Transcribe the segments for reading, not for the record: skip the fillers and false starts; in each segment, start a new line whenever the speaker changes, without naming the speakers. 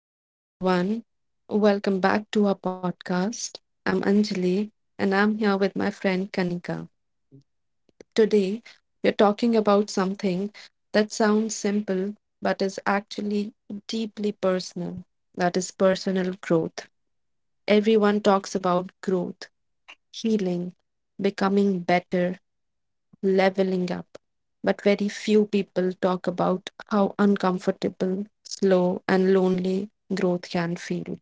Hello, everyone. Welcome back to our podcast. I'm Anjali and I'm here with my friend Kanika. Today, we're talking about something that sounds simple but is actually deeply personal that is, personal growth. Everyone talks about growth, healing, becoming better, leveling up. But very few people talk about how uncomfortable, slow, and lonely growth can feel.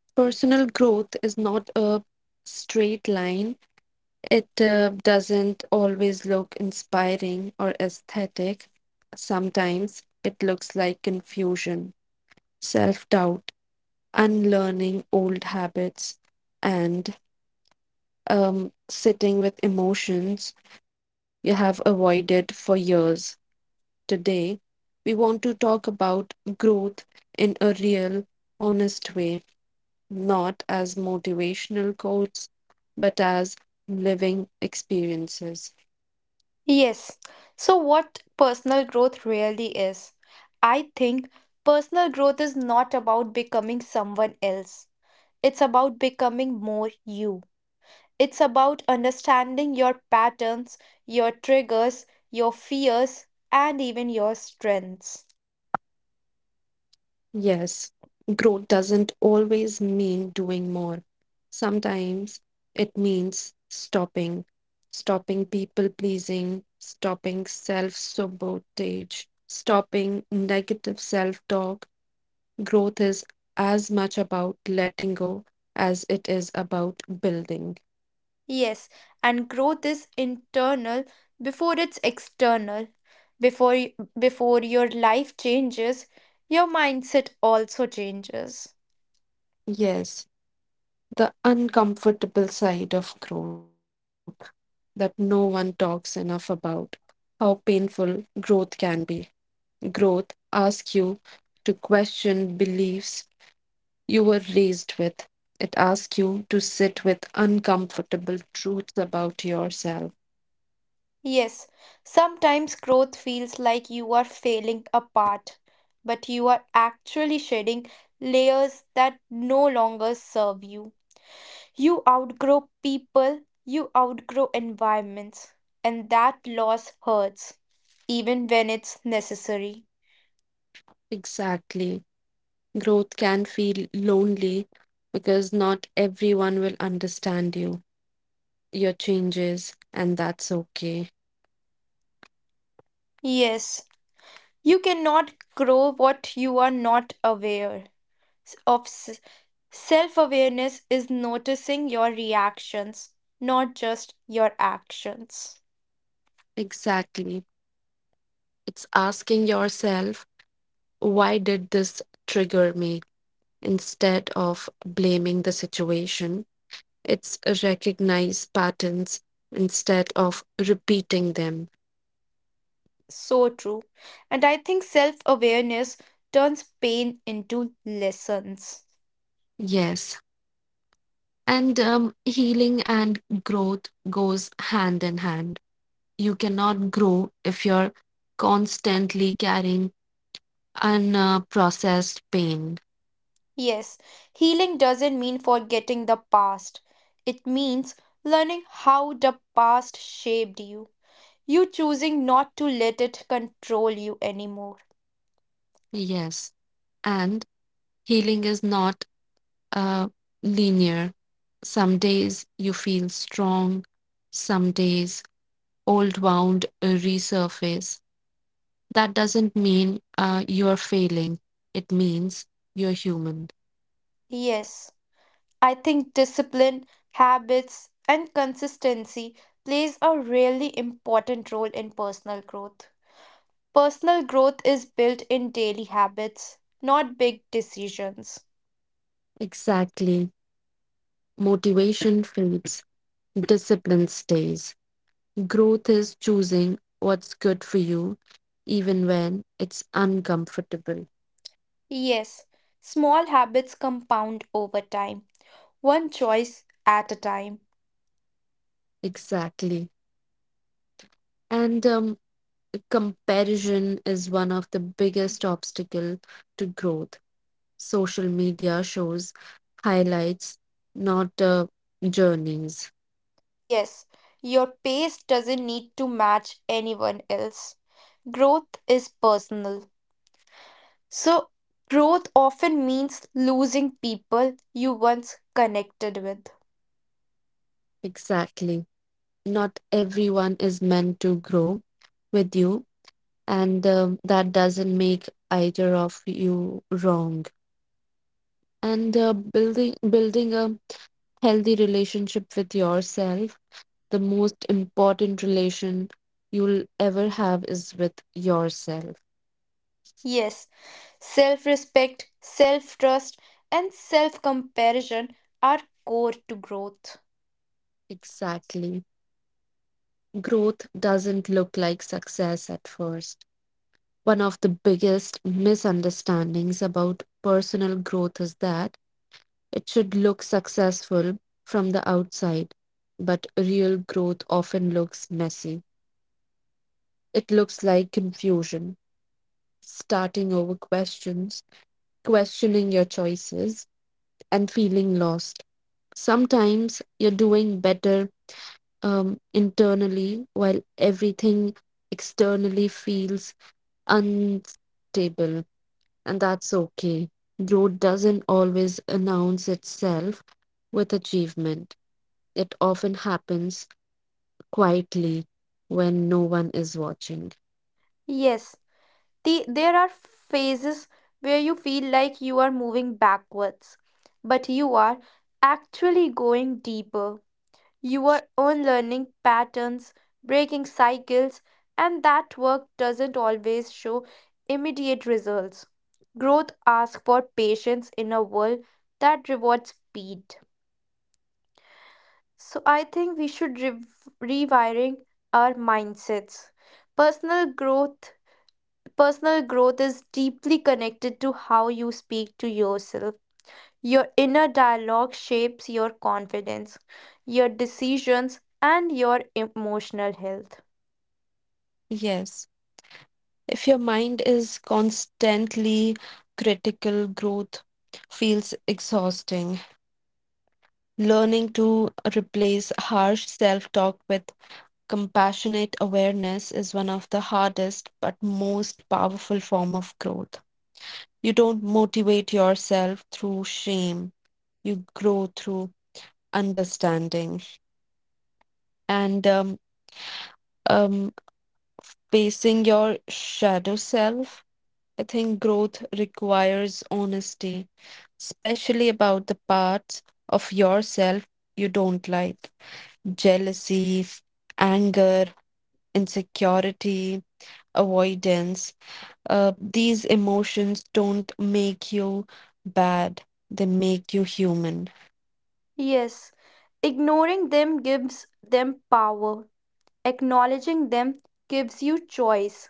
Personal growth is not a straight line. It doesn't always look inspiring or aesthetic. Sometimes it looks like confusion, self doubt, unlearning old habits, and sitting with emotions you have avoided for years. Today, we want to talk about growth in a real, honest way, not as motivational quotes, but as living experiences.
Yes. So, what personal growth really is? I think personal growth is not about becoming someone else, it's about becoming more you. It's about understanding your patterns, your triggers, your fears, and even your strengths.
Yes, growth doesn't always mean doing more. Sometimes it means stopping, stopping people pleasing, stopping self sabotage, stopping negative self talk. Growth is as much about letting go as it is about building.
Yes, and growth is internal before it's external. Before, y- Before your life changes, your mindset also changes.
Yes. The uncomfortable side of growth that no one talks enough about. How painful growth can be. Growth asks you to question beliefs you were raised with, it asks you to sit with uncomfortable truths about yourself.
Yes, sometimes growth feels like you are failing apart, but you are actually shedding layers that no longer serve you. You outgrow people, you outgrow environments, and that loss hurts, even when it's necessary.
Exactly. Growth can feel lonely because not everyone will understand you, your changes, and that's okay.
Yes, you cannot grow what you are not aware of. Self awareness is noticing your reactions, not just your actions.
Exactly. It's asking yourself, why did this trigger me? Instead of blaming the situation, it's recognize patterns instead of repeating them.
So true. And I think self awareness turns pain into lessons.
Yes. And healing and growth goes hand in hand. You cannot grow if you're constantly carrying unprocessed pain.
Yes, healing doesn't mean forgetting the past, it means learning how the past shaped you. You choosing not to let it control you anymore.
Yes. And healing is not uh, linear. Some days you feel strong, some days old wound resurface. That doesn't mean you're failing, it means you're human.
Yes, I think discipline, habits, and consistency plays a really important role in personal growth. Personal growth is built in daily habits, not big decisions.
Exactly. Motivation fades, discipline stays. Growth is choosing what's good for you, even when it's uncomfortable.
Yes, small habits compound over time, one choice at a time.
Exactly. And comparison is one of the biggest obstacle to growth. Social media shows highlights, not journeys.
Yes, your pace doesn't need to match anyone else. Growth is personal. So, growth often means losing people you once connected with.
Exactly, not everyone is meant to grow with you, and that doesn't make either of you wrong. And building a healthy relationship with yourself, the most important relation you'll ever have is with yourself.
Yes, self respect, self trust, and self comparison are core to growth.
Exactly. Growth doesn't look like success at first. One of the biggest misunderstandings about personal growth is that it should look successful from the outside, but real growth often looks messy. It looks like confusion, starting over questions, questioning your choices, and feeling lost. Sometimes you're doing better internally while everything externally feels unstable. And that's okay. Growth doesn't always announce itself with achievement, it often happens quietly when no one is watching.
Yes, there are phases where you feel like you are moving backwards, but you are actually going deeper. You are unlearning patterns, breaking cycles, and that work doesn't always show immediate results. Growth asks for patience in a world that rewards speed. So I think we should rev rewiring our mindsets. Personal growth Personal growth is deeply connected to how you speak to yourself. Your inner dialogue shapes your confidence, your decisions, and your emotional health.
Yes. If your mind is constantly critical, growth feels exhausting. Learning to replace harsh self talk with compassionate awareness is one of the hardest but most powerful form of growth. You don't motivate yourself through shame. You grow through understanding and um, facing your shadow self. I think growth requires honesty, especially about the parts of yourself you don't like, jealousy, anger, insecurity, avoidance. These emotions don't make you bad, they make you human.
Yes, ignoring them gives them power, acknowledging them gives you choice.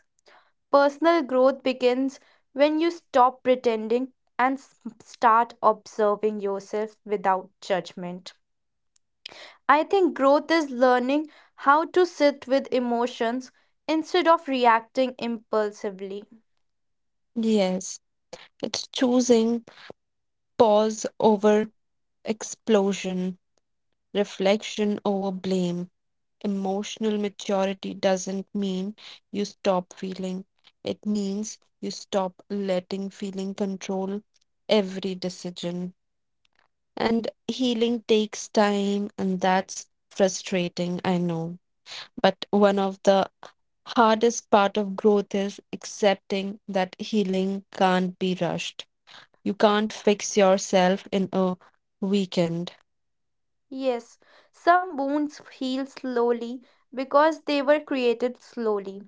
Personal growth begins when you stop pretending and start observing yourself without judgment. I think growth is learning how to sit with emotions instead of reacting impulsively.
Yes, it's choosing pause over explosion, reflection over blame. Emotional maturity doesn't mean you stop feeling, it means you stop letting feeling control every decision. And healing takes time, and that's frustrating, I know. But one of the hardest part of growth is accepting that healing can't be rushed. You can't fix yourself in a weekend.
Yes, some wounds heal slowly because they were created slowly,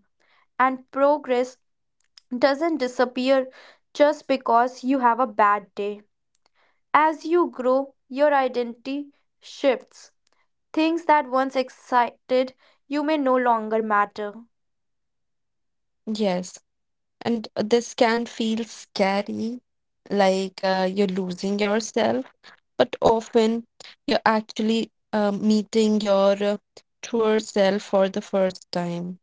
and progress doesn't disappear just because you have a bad day. As you grow, your identity shifts. Things that once excited you may no longer matter.
Yes. And this can feel scary, like you're losing yourself, but often you're actually meeting your truer self for the first time.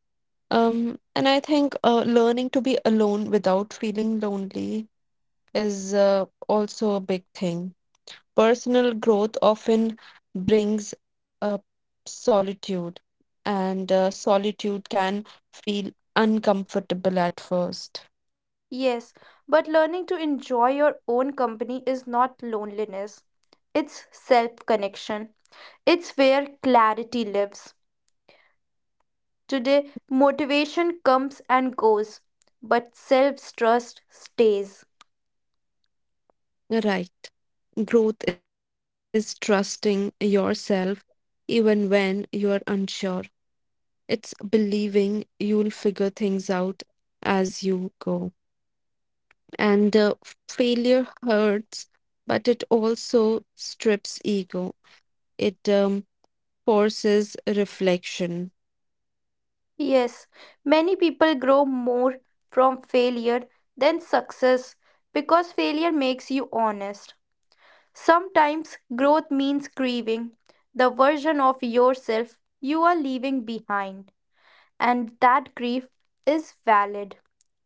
And I think learning to be alone without feeling lonely is also a big thing. Personal growth often brings up solitude, and solitude can feel uncomfortable at first.
Yes, but learning to enjoy your own company is not loneliness, it's self connection. It's where clarity lives. Today, motivation comes and goes, but self trust stays.
Right. Growth is trusting yourself even when you are unsure. It's believing you'll figure things out as you go. And failure hurts, but it also strips ego. It forces reflection.
Yes, many people grow more from failure than success because failure makes you honest. Sometimes growth means grieving the version of yourself you are leaving behind, and that grief is valid.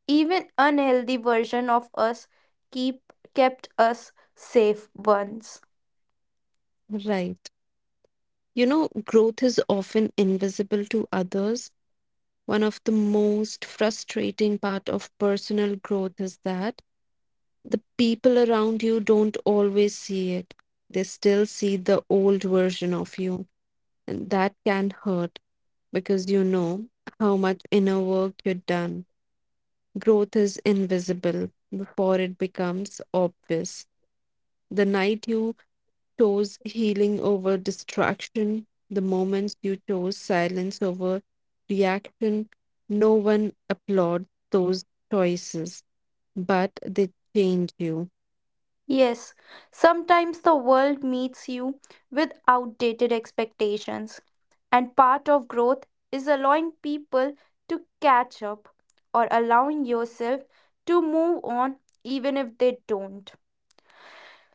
Even unhealthy version of us keep kept us safe once.
Right. You know, growth is often invisible to others. One of the most frustrating part of personal growth is that the people around you don't always see it. They still see the old version of you, and that can hurt because you know how much inner work you've done. Growth is invisible before it becomes obvious. The night you chose healing over distraction, the moments you chose silence over reaction, no one applauds those choices, but they change you.
Yes, sometimes the world meets you with outdated expectations, and part of growth is allowing people to catch up or allowing yourself to move on even if they don't.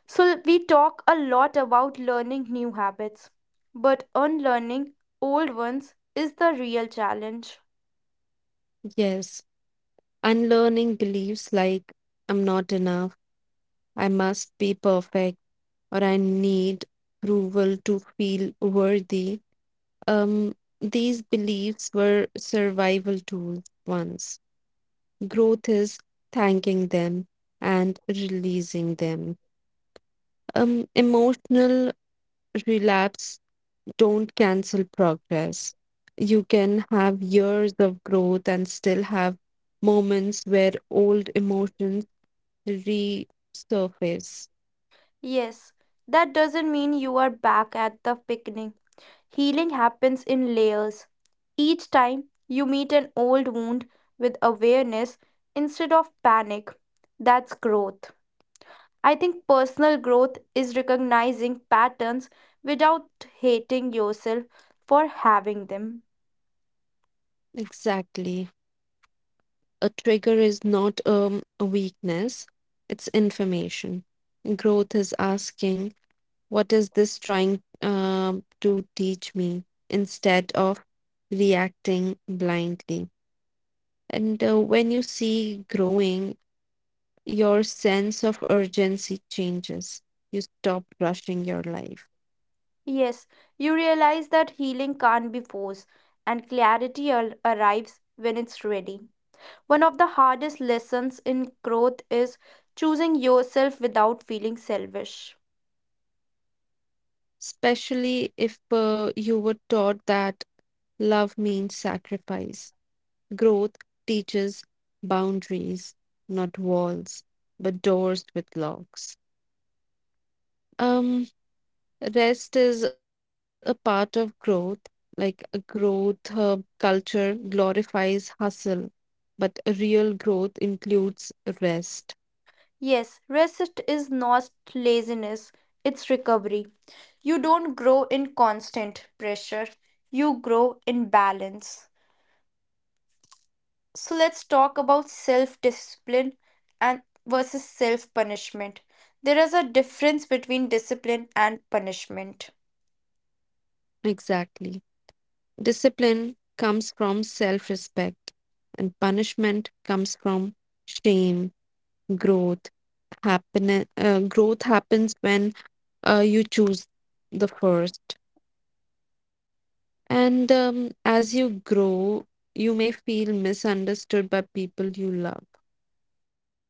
So, we talk a lot about learning new habits, but unlearning old ones is the real challenge.
Yes, unlearning beliefs like I'm not enough, I must be perfect, or I need approval to feel worthy. Um, these beliefs were survival tools once. Growth is thanking them and releasing them. Emotional relapse don't cancel progress. You can have years of growth and still have moments where old emotions resurface.
Yes, that doesn't mean you are back at the beginning. Healing happens in layers. Each time you meet an old wound with awareness instead of panic, that's growth. I think personal growth is recognizing patterns without hating yourself for having them.
Exactly. A trigger is not a weakness, it's information. Growth is asking, what is this trying to teach me, instead of reacting blindly? And when you see growing, your sense of urgency changes. You stop rushing your life,
Yes, you realize that healing can't be forced, and clarity arrives when it's ready. One of the hardest lessons in growth is choosing yourself without feeling selfish.
especially if you were taught that love means sacrifice. Growth teaches boundaries, not walls, but doors with locks. Um, Rest is a part of growth, like a growth culture glorifies hustle, but a real growth includes rest.
Yes, rest is not laziness, it's recovery. You don't grow in constant pressure, you grow in balance. So let's talk about self discipline and versus self punishment. There is a difference between discipline and punishment.
Exactly. Discipline comes from self respect, and punishment comes from shame, growth. Growth happens when you choose the first. And as you grow, you may feel misunderstood by people you love.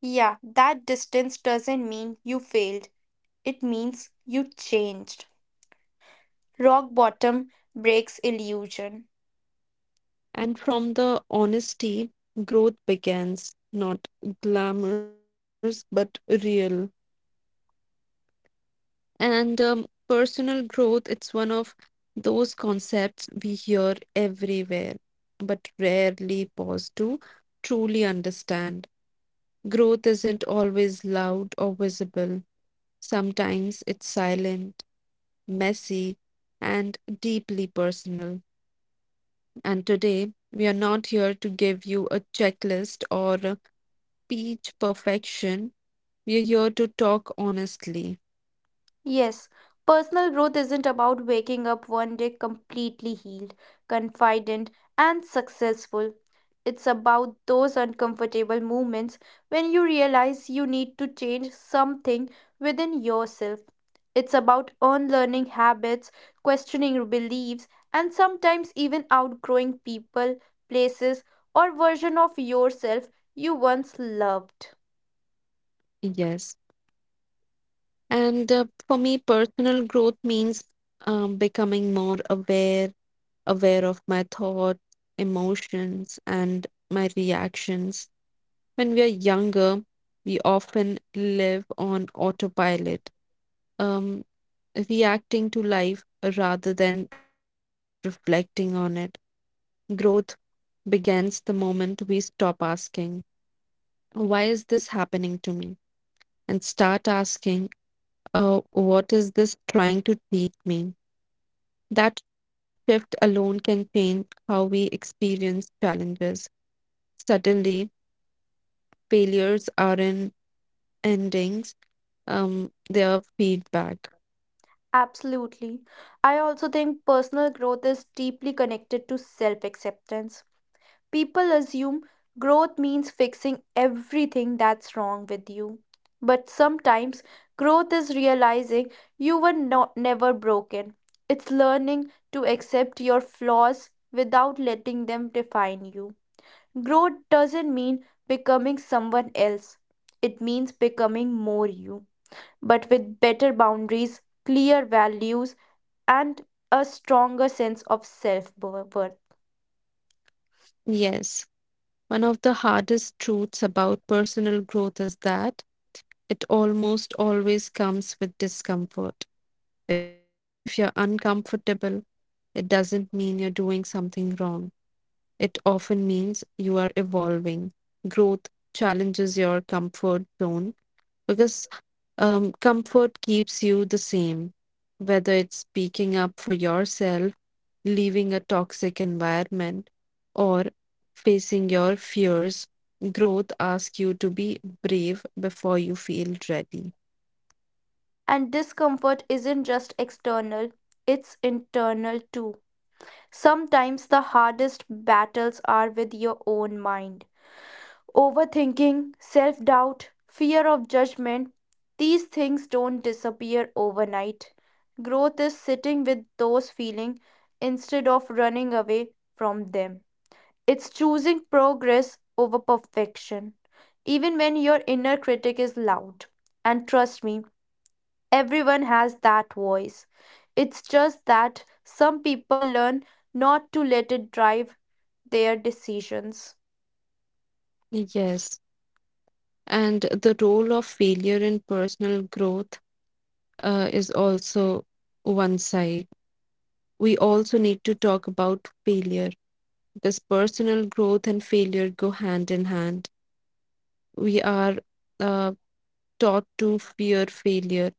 Yeah, that distance doesn't mean you failed. It means you changed. Rock bottom breaks illusion.
And from the honesty, growth begins, not glamorous, but real. And personal growth, it's one of those concepts we hear everywhere, but rarely pause to truly understand. Growth isn't always loud or visible, sometimes it's silent, messy, and deeply personal. And today, we are not here to give you a checklist or speech perfection. We're here to talk honestly.
Yes, personal growth isn't about waking up one day completely healed, confident, and successful. It's about those uncomfortable moments when you realize you need to change something within yourself. It's about unlearning habits, questioning beliefs, and sometimes even outgrowing people, places, or version of yourself you once loved.
Yes. And for me, personal growth means becoming more aware, aware of my thoughts, emotions, and my reactions. When we are younger, we often live on autopilot, um, reacting to life rather than reflecting on it. Growth begins the moment we stop asking, why is this happening to me? And start asking, what is this trying to teach me? That shift alone can change how we experience challenges. Suddenly, failures aren't endings, they are feedback.
Absolutely. I also think personal growth is deeply connected to self acceptance. People assume growth means fixing everything that's wrong with you. But sometimes growth is realizing you were not never broken. It's learning to accept your flaws without letting them define you. Growth doesn't mean becoming someone else. It means becoming more you but with better boundaries, clear values, and a stronger sense of self worth.
Yes, one of the hardest truths about personal growth is that it almost always comes with discomfort. If you're uncomfortable, it doesn't mean you're doing something wrong. It often means you are evolving. Growth challenges your comfort zone because comfort keeps you the same. Whether it's speaking up for yourself, leaving a toxic environment, or facing your fears, growth asks you to be brave before you feel ready.
And discomfort isn't just external, it's internal too. Sometimes the hardest battles are with your own mind. Overthinking, self doubt, fear of judgment, these things don't disappear overnight. Growth is sitting with those feelings instead of running away from them. It's choosing progress over perfection, even when your inner critic is loud. And trust me, everyone has that voice. It's just that some people learn not to let it drive their decisions.
Yes, and the role of failure in personal growth is also one side. We also need to talk about failure because personal growth and failure go hand in hand. We are uh, taught to fear failure,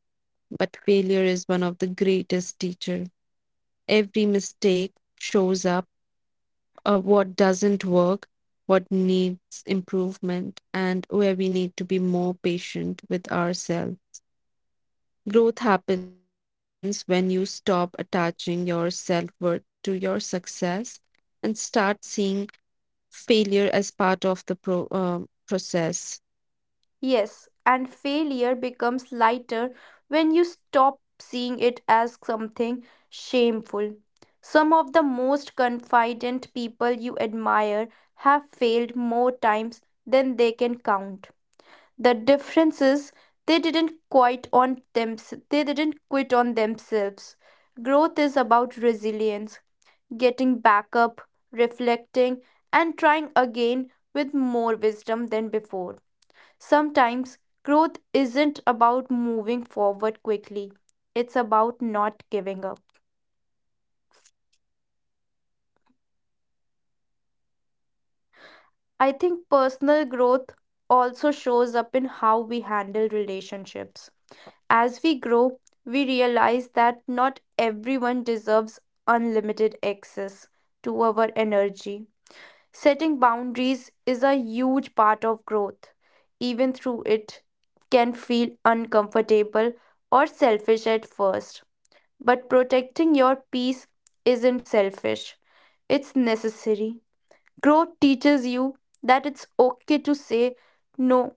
but failure is one of the greatest teacher. Every mistake shows up what doesn't work, what needs improvement, and where we need to be more patient with ourselves. Growth happens when you stop attaching your self worth to your success and start seeing failure as part of the process.
Yes, and failure becomes lighter when you stop seeing it as something shameful. Some of the most confident people you admire have failed more times than they can count. The difference is they didn't quit on them they didn't quit on themselves. Growth is about resilience, getting back up, reflecting, and trying again with more wisdom than before. Sometimes growth isn't about moving forward quickly, it's about not giving up. I think personal growth also shows up in how we handle relationships. As we grow, we realize that not everyone deserves unlimited access to our energy. Setting boundaries is a huge part of growth. Even through it can feel uncomfortable or selfish at first. But protecting your peace isn't selfish. It's necessary. Growth teaches you that it's okay to say no,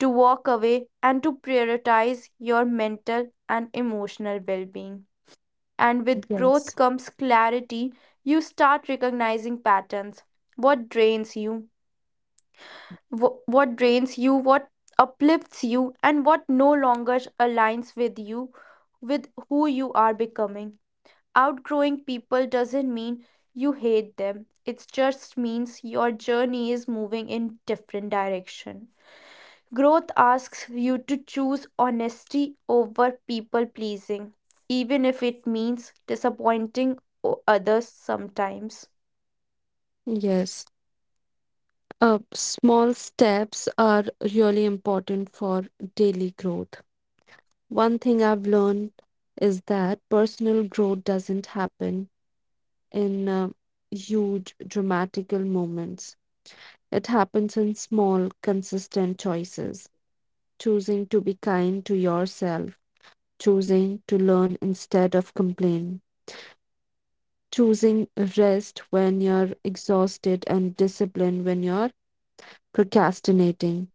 to walk away, and to prioritize your mental and emotional well being. And with growth
Yes.
comes clarity. You start recognizing patterns, what drains you, what drains you, what uplifts you, and what no longer aligns with you, with who you are becoming. Outgrowing people doesn't mean you hate them, it just means your journey is moving in different direction. Growth asks you to choose honesty over people pleasing, even if it means disappointing others sometimes.
Yes. Small steps are really important for daily growth. One thing I've learned is that personal growth doesn't happen in huge dramatical moments. It happens in small, consistent choices, choosing to be kind to yourself, choosing to learn instead of complain, choosing rest when you're exhausted and discipline when you're procrastinating.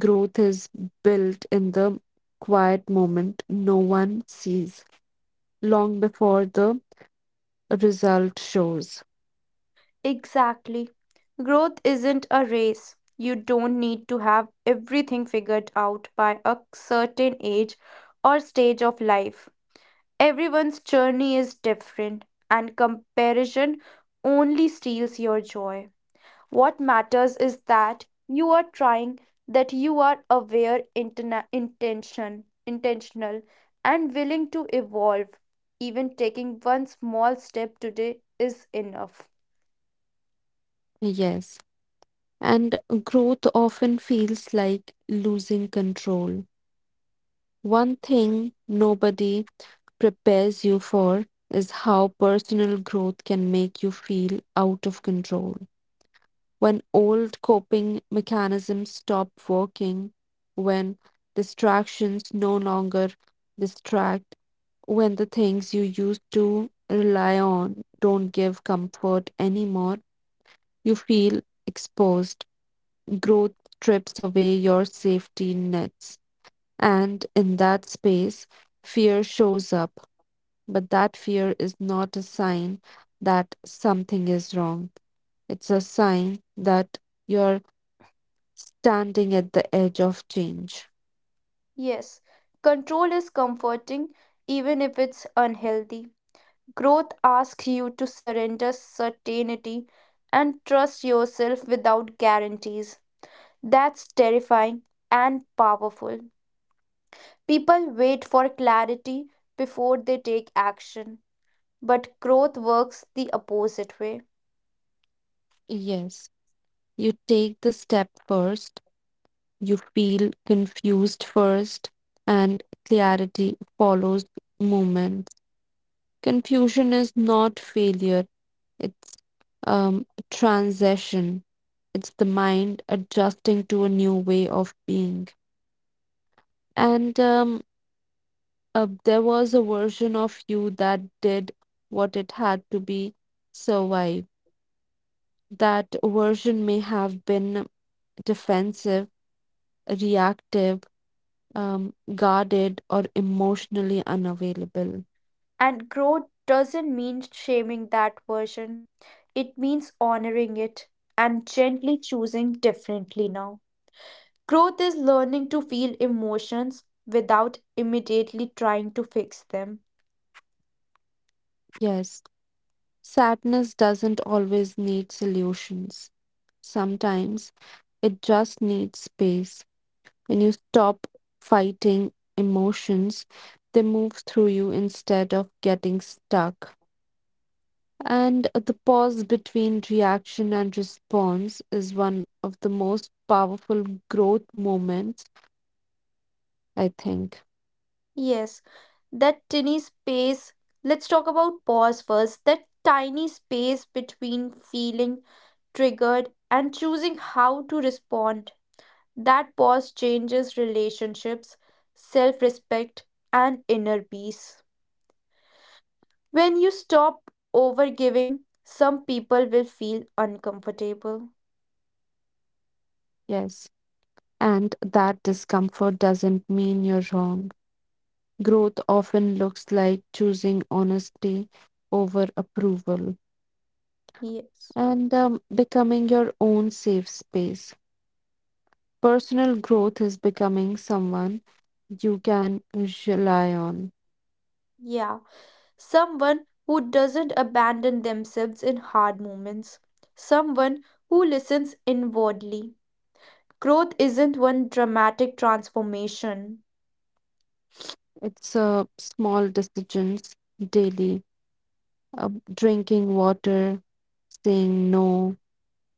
Growth is built in the quiet moment no one sees, long before the result shows.
Exactly. Growth isn't a race. You don't need to have everything figured out by a certain age or stage of life. Everyone's journey is different, and comparison only steals your joy. What matters is that you are trying, that you are aware, intentional, and willing to evolve. Even taking one small step today is enough.
Yes. And growth often feels like losing control. One thing nobody prepares you for is how personal growth can make you feel out of control. When old coping mechanisms stop working, when distractions no longer distract, when the things you used to rely on don't give comfort anymore, you feel exposed. Growth strips away your safety nets. And in that space, fear shows up. But that fear is not a sign that something is wrong. It's a sign that you're standing at the edge of change.
Yes, control is comforting, even if it's unhealthy. Growth asks you to surrender certainty and trust yourself without guarantees. That's terrifying and powerful. People wait for clarity before they take action, but growth works the opposite way.
Yes, you take the step first, you feel confused first, and clarity follows movement. Confusion is not failure, it's um, transition. It's the mind adjusting to a new way of being. And there was a version of you that did what it had to be survive. That version may have been defensive, reactive, guarded, or emotionally unavailable.
And growth doesn't mean shaming that version, it means honoring it and gently choosing differently now. Growth is learning to feel emotions without immediately trying to fix them.
Yes. Sadness doesn't always need solutions. Sometimes it just needs space. When you stop fighting emotions, they move through you instead of getting stuck. And the pause between reaction and response is one of the most powerful growth moments, I think.
Yes, that tiny space. Let's talk about pause first. That tiny space between feeling triggered and choosing how to respond. That pause changes relationships, self respect, and inner peace. When you stop overgiving, some people will feel uncomfortable.
Yes. And that discomfort doesn't mean you're wrong. Growth often looks like choosing honesty over approval
Yes.
and becoming your own safe space. Personal growth is becoming someone you can rely on.
Yeah. Someone who doesn't abandon themselves in hard moments, someone who listens inwardly. Growth isn't one dramatic transformation.
It's small decisions daily, drinking water, saying no,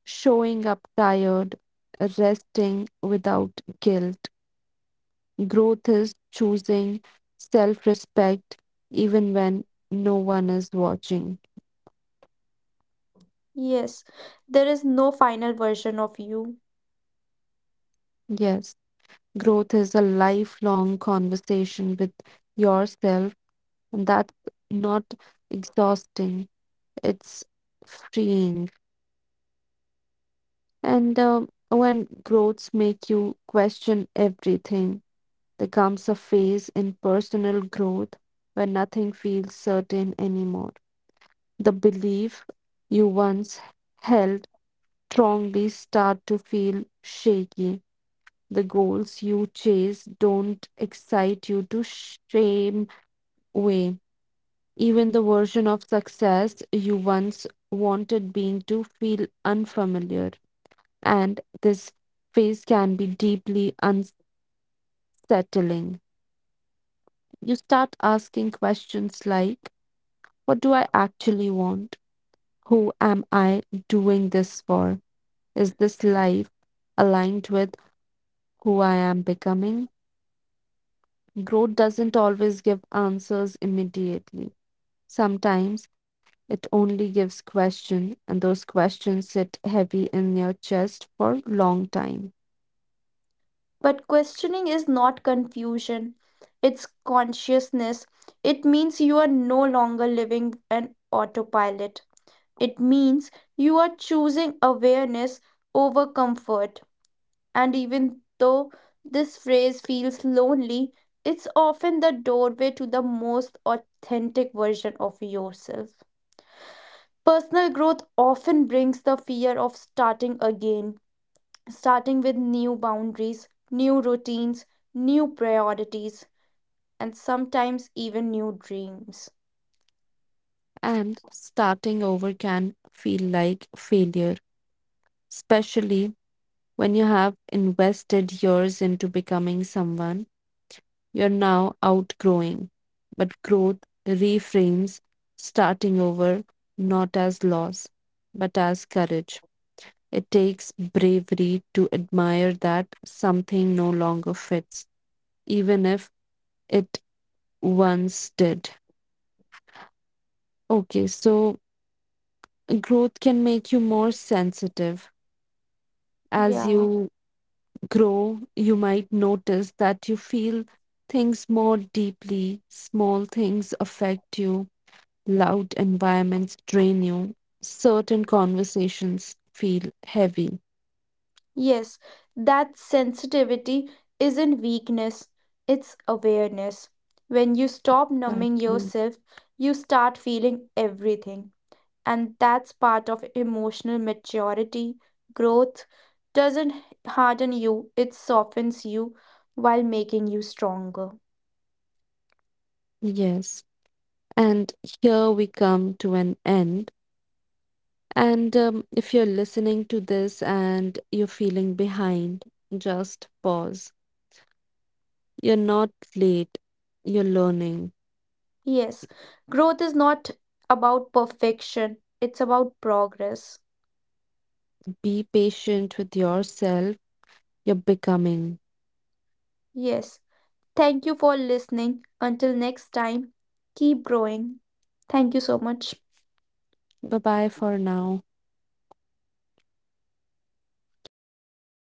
showing up tired, resting without guilt. Growth is choosing self respect even when no one is watching.
Yes, there is no final version of you.
Yes, growth is a lifelong conversation with yourself, and that's not exhausting, it's freeing. And when growths make you question everything, there comes a phase in personal growth where nothing feels certain anymore. The belief you once held strongly start to feel shaky. The goals you chase don't excite you to shame way. Even the version of success you once wanted being to feel unfamiliar. And this phase can be deeply unsettling. You start asking questions like, what do I actually want? Who am I doing this for? Is this life aligned with who I am becoming? Growth doesn't always give answers immediately. Sometimes it only gives questions, and those questions sit heavy in your chest for long time.
But questioning is not confusion, it's consciousness. It means you are no longer living an autopilot. It means you are choosing awareness over comfort. And even though this phrase feels lonely, it's often the doorway to the most authentic version of yourself. Personal growth often brings the fear of starting again, starting with new boundaries, new routines, new priorities, and sometimes even new dreams.
And starting over can feel like failure, especially when you have invested years into becoming someone you're now outgrowing. But growth reframes starting over not as loss, but as courage. It takes bravery to admire that something no longer fits, even if it once did. Okay, so growth can make you more sensitive as
Yeah.
you grow, you might notice that you feel things more deeply. Small things affect you, loud environments drain you, certain conversations feel heavy.
Yes, that sensitivity isn't weakness, it's awareness. When you stop numbing
Exactly.
yourself, you start feeling everything. And that's part of emotional maturity. Growth doesn't harden you, it softens you while making you stronger.
Yes. And here we come to an end. And if you're listening to this and you're feeling behind, just pause. You're not late, you're learning.
Yes, growth is not about perfection, it's about progress.
Be patient with yourself, you're becoming.
Yes. Thank you for listening. Until next time, keep growing. Thank you so much.
Bye bye for now.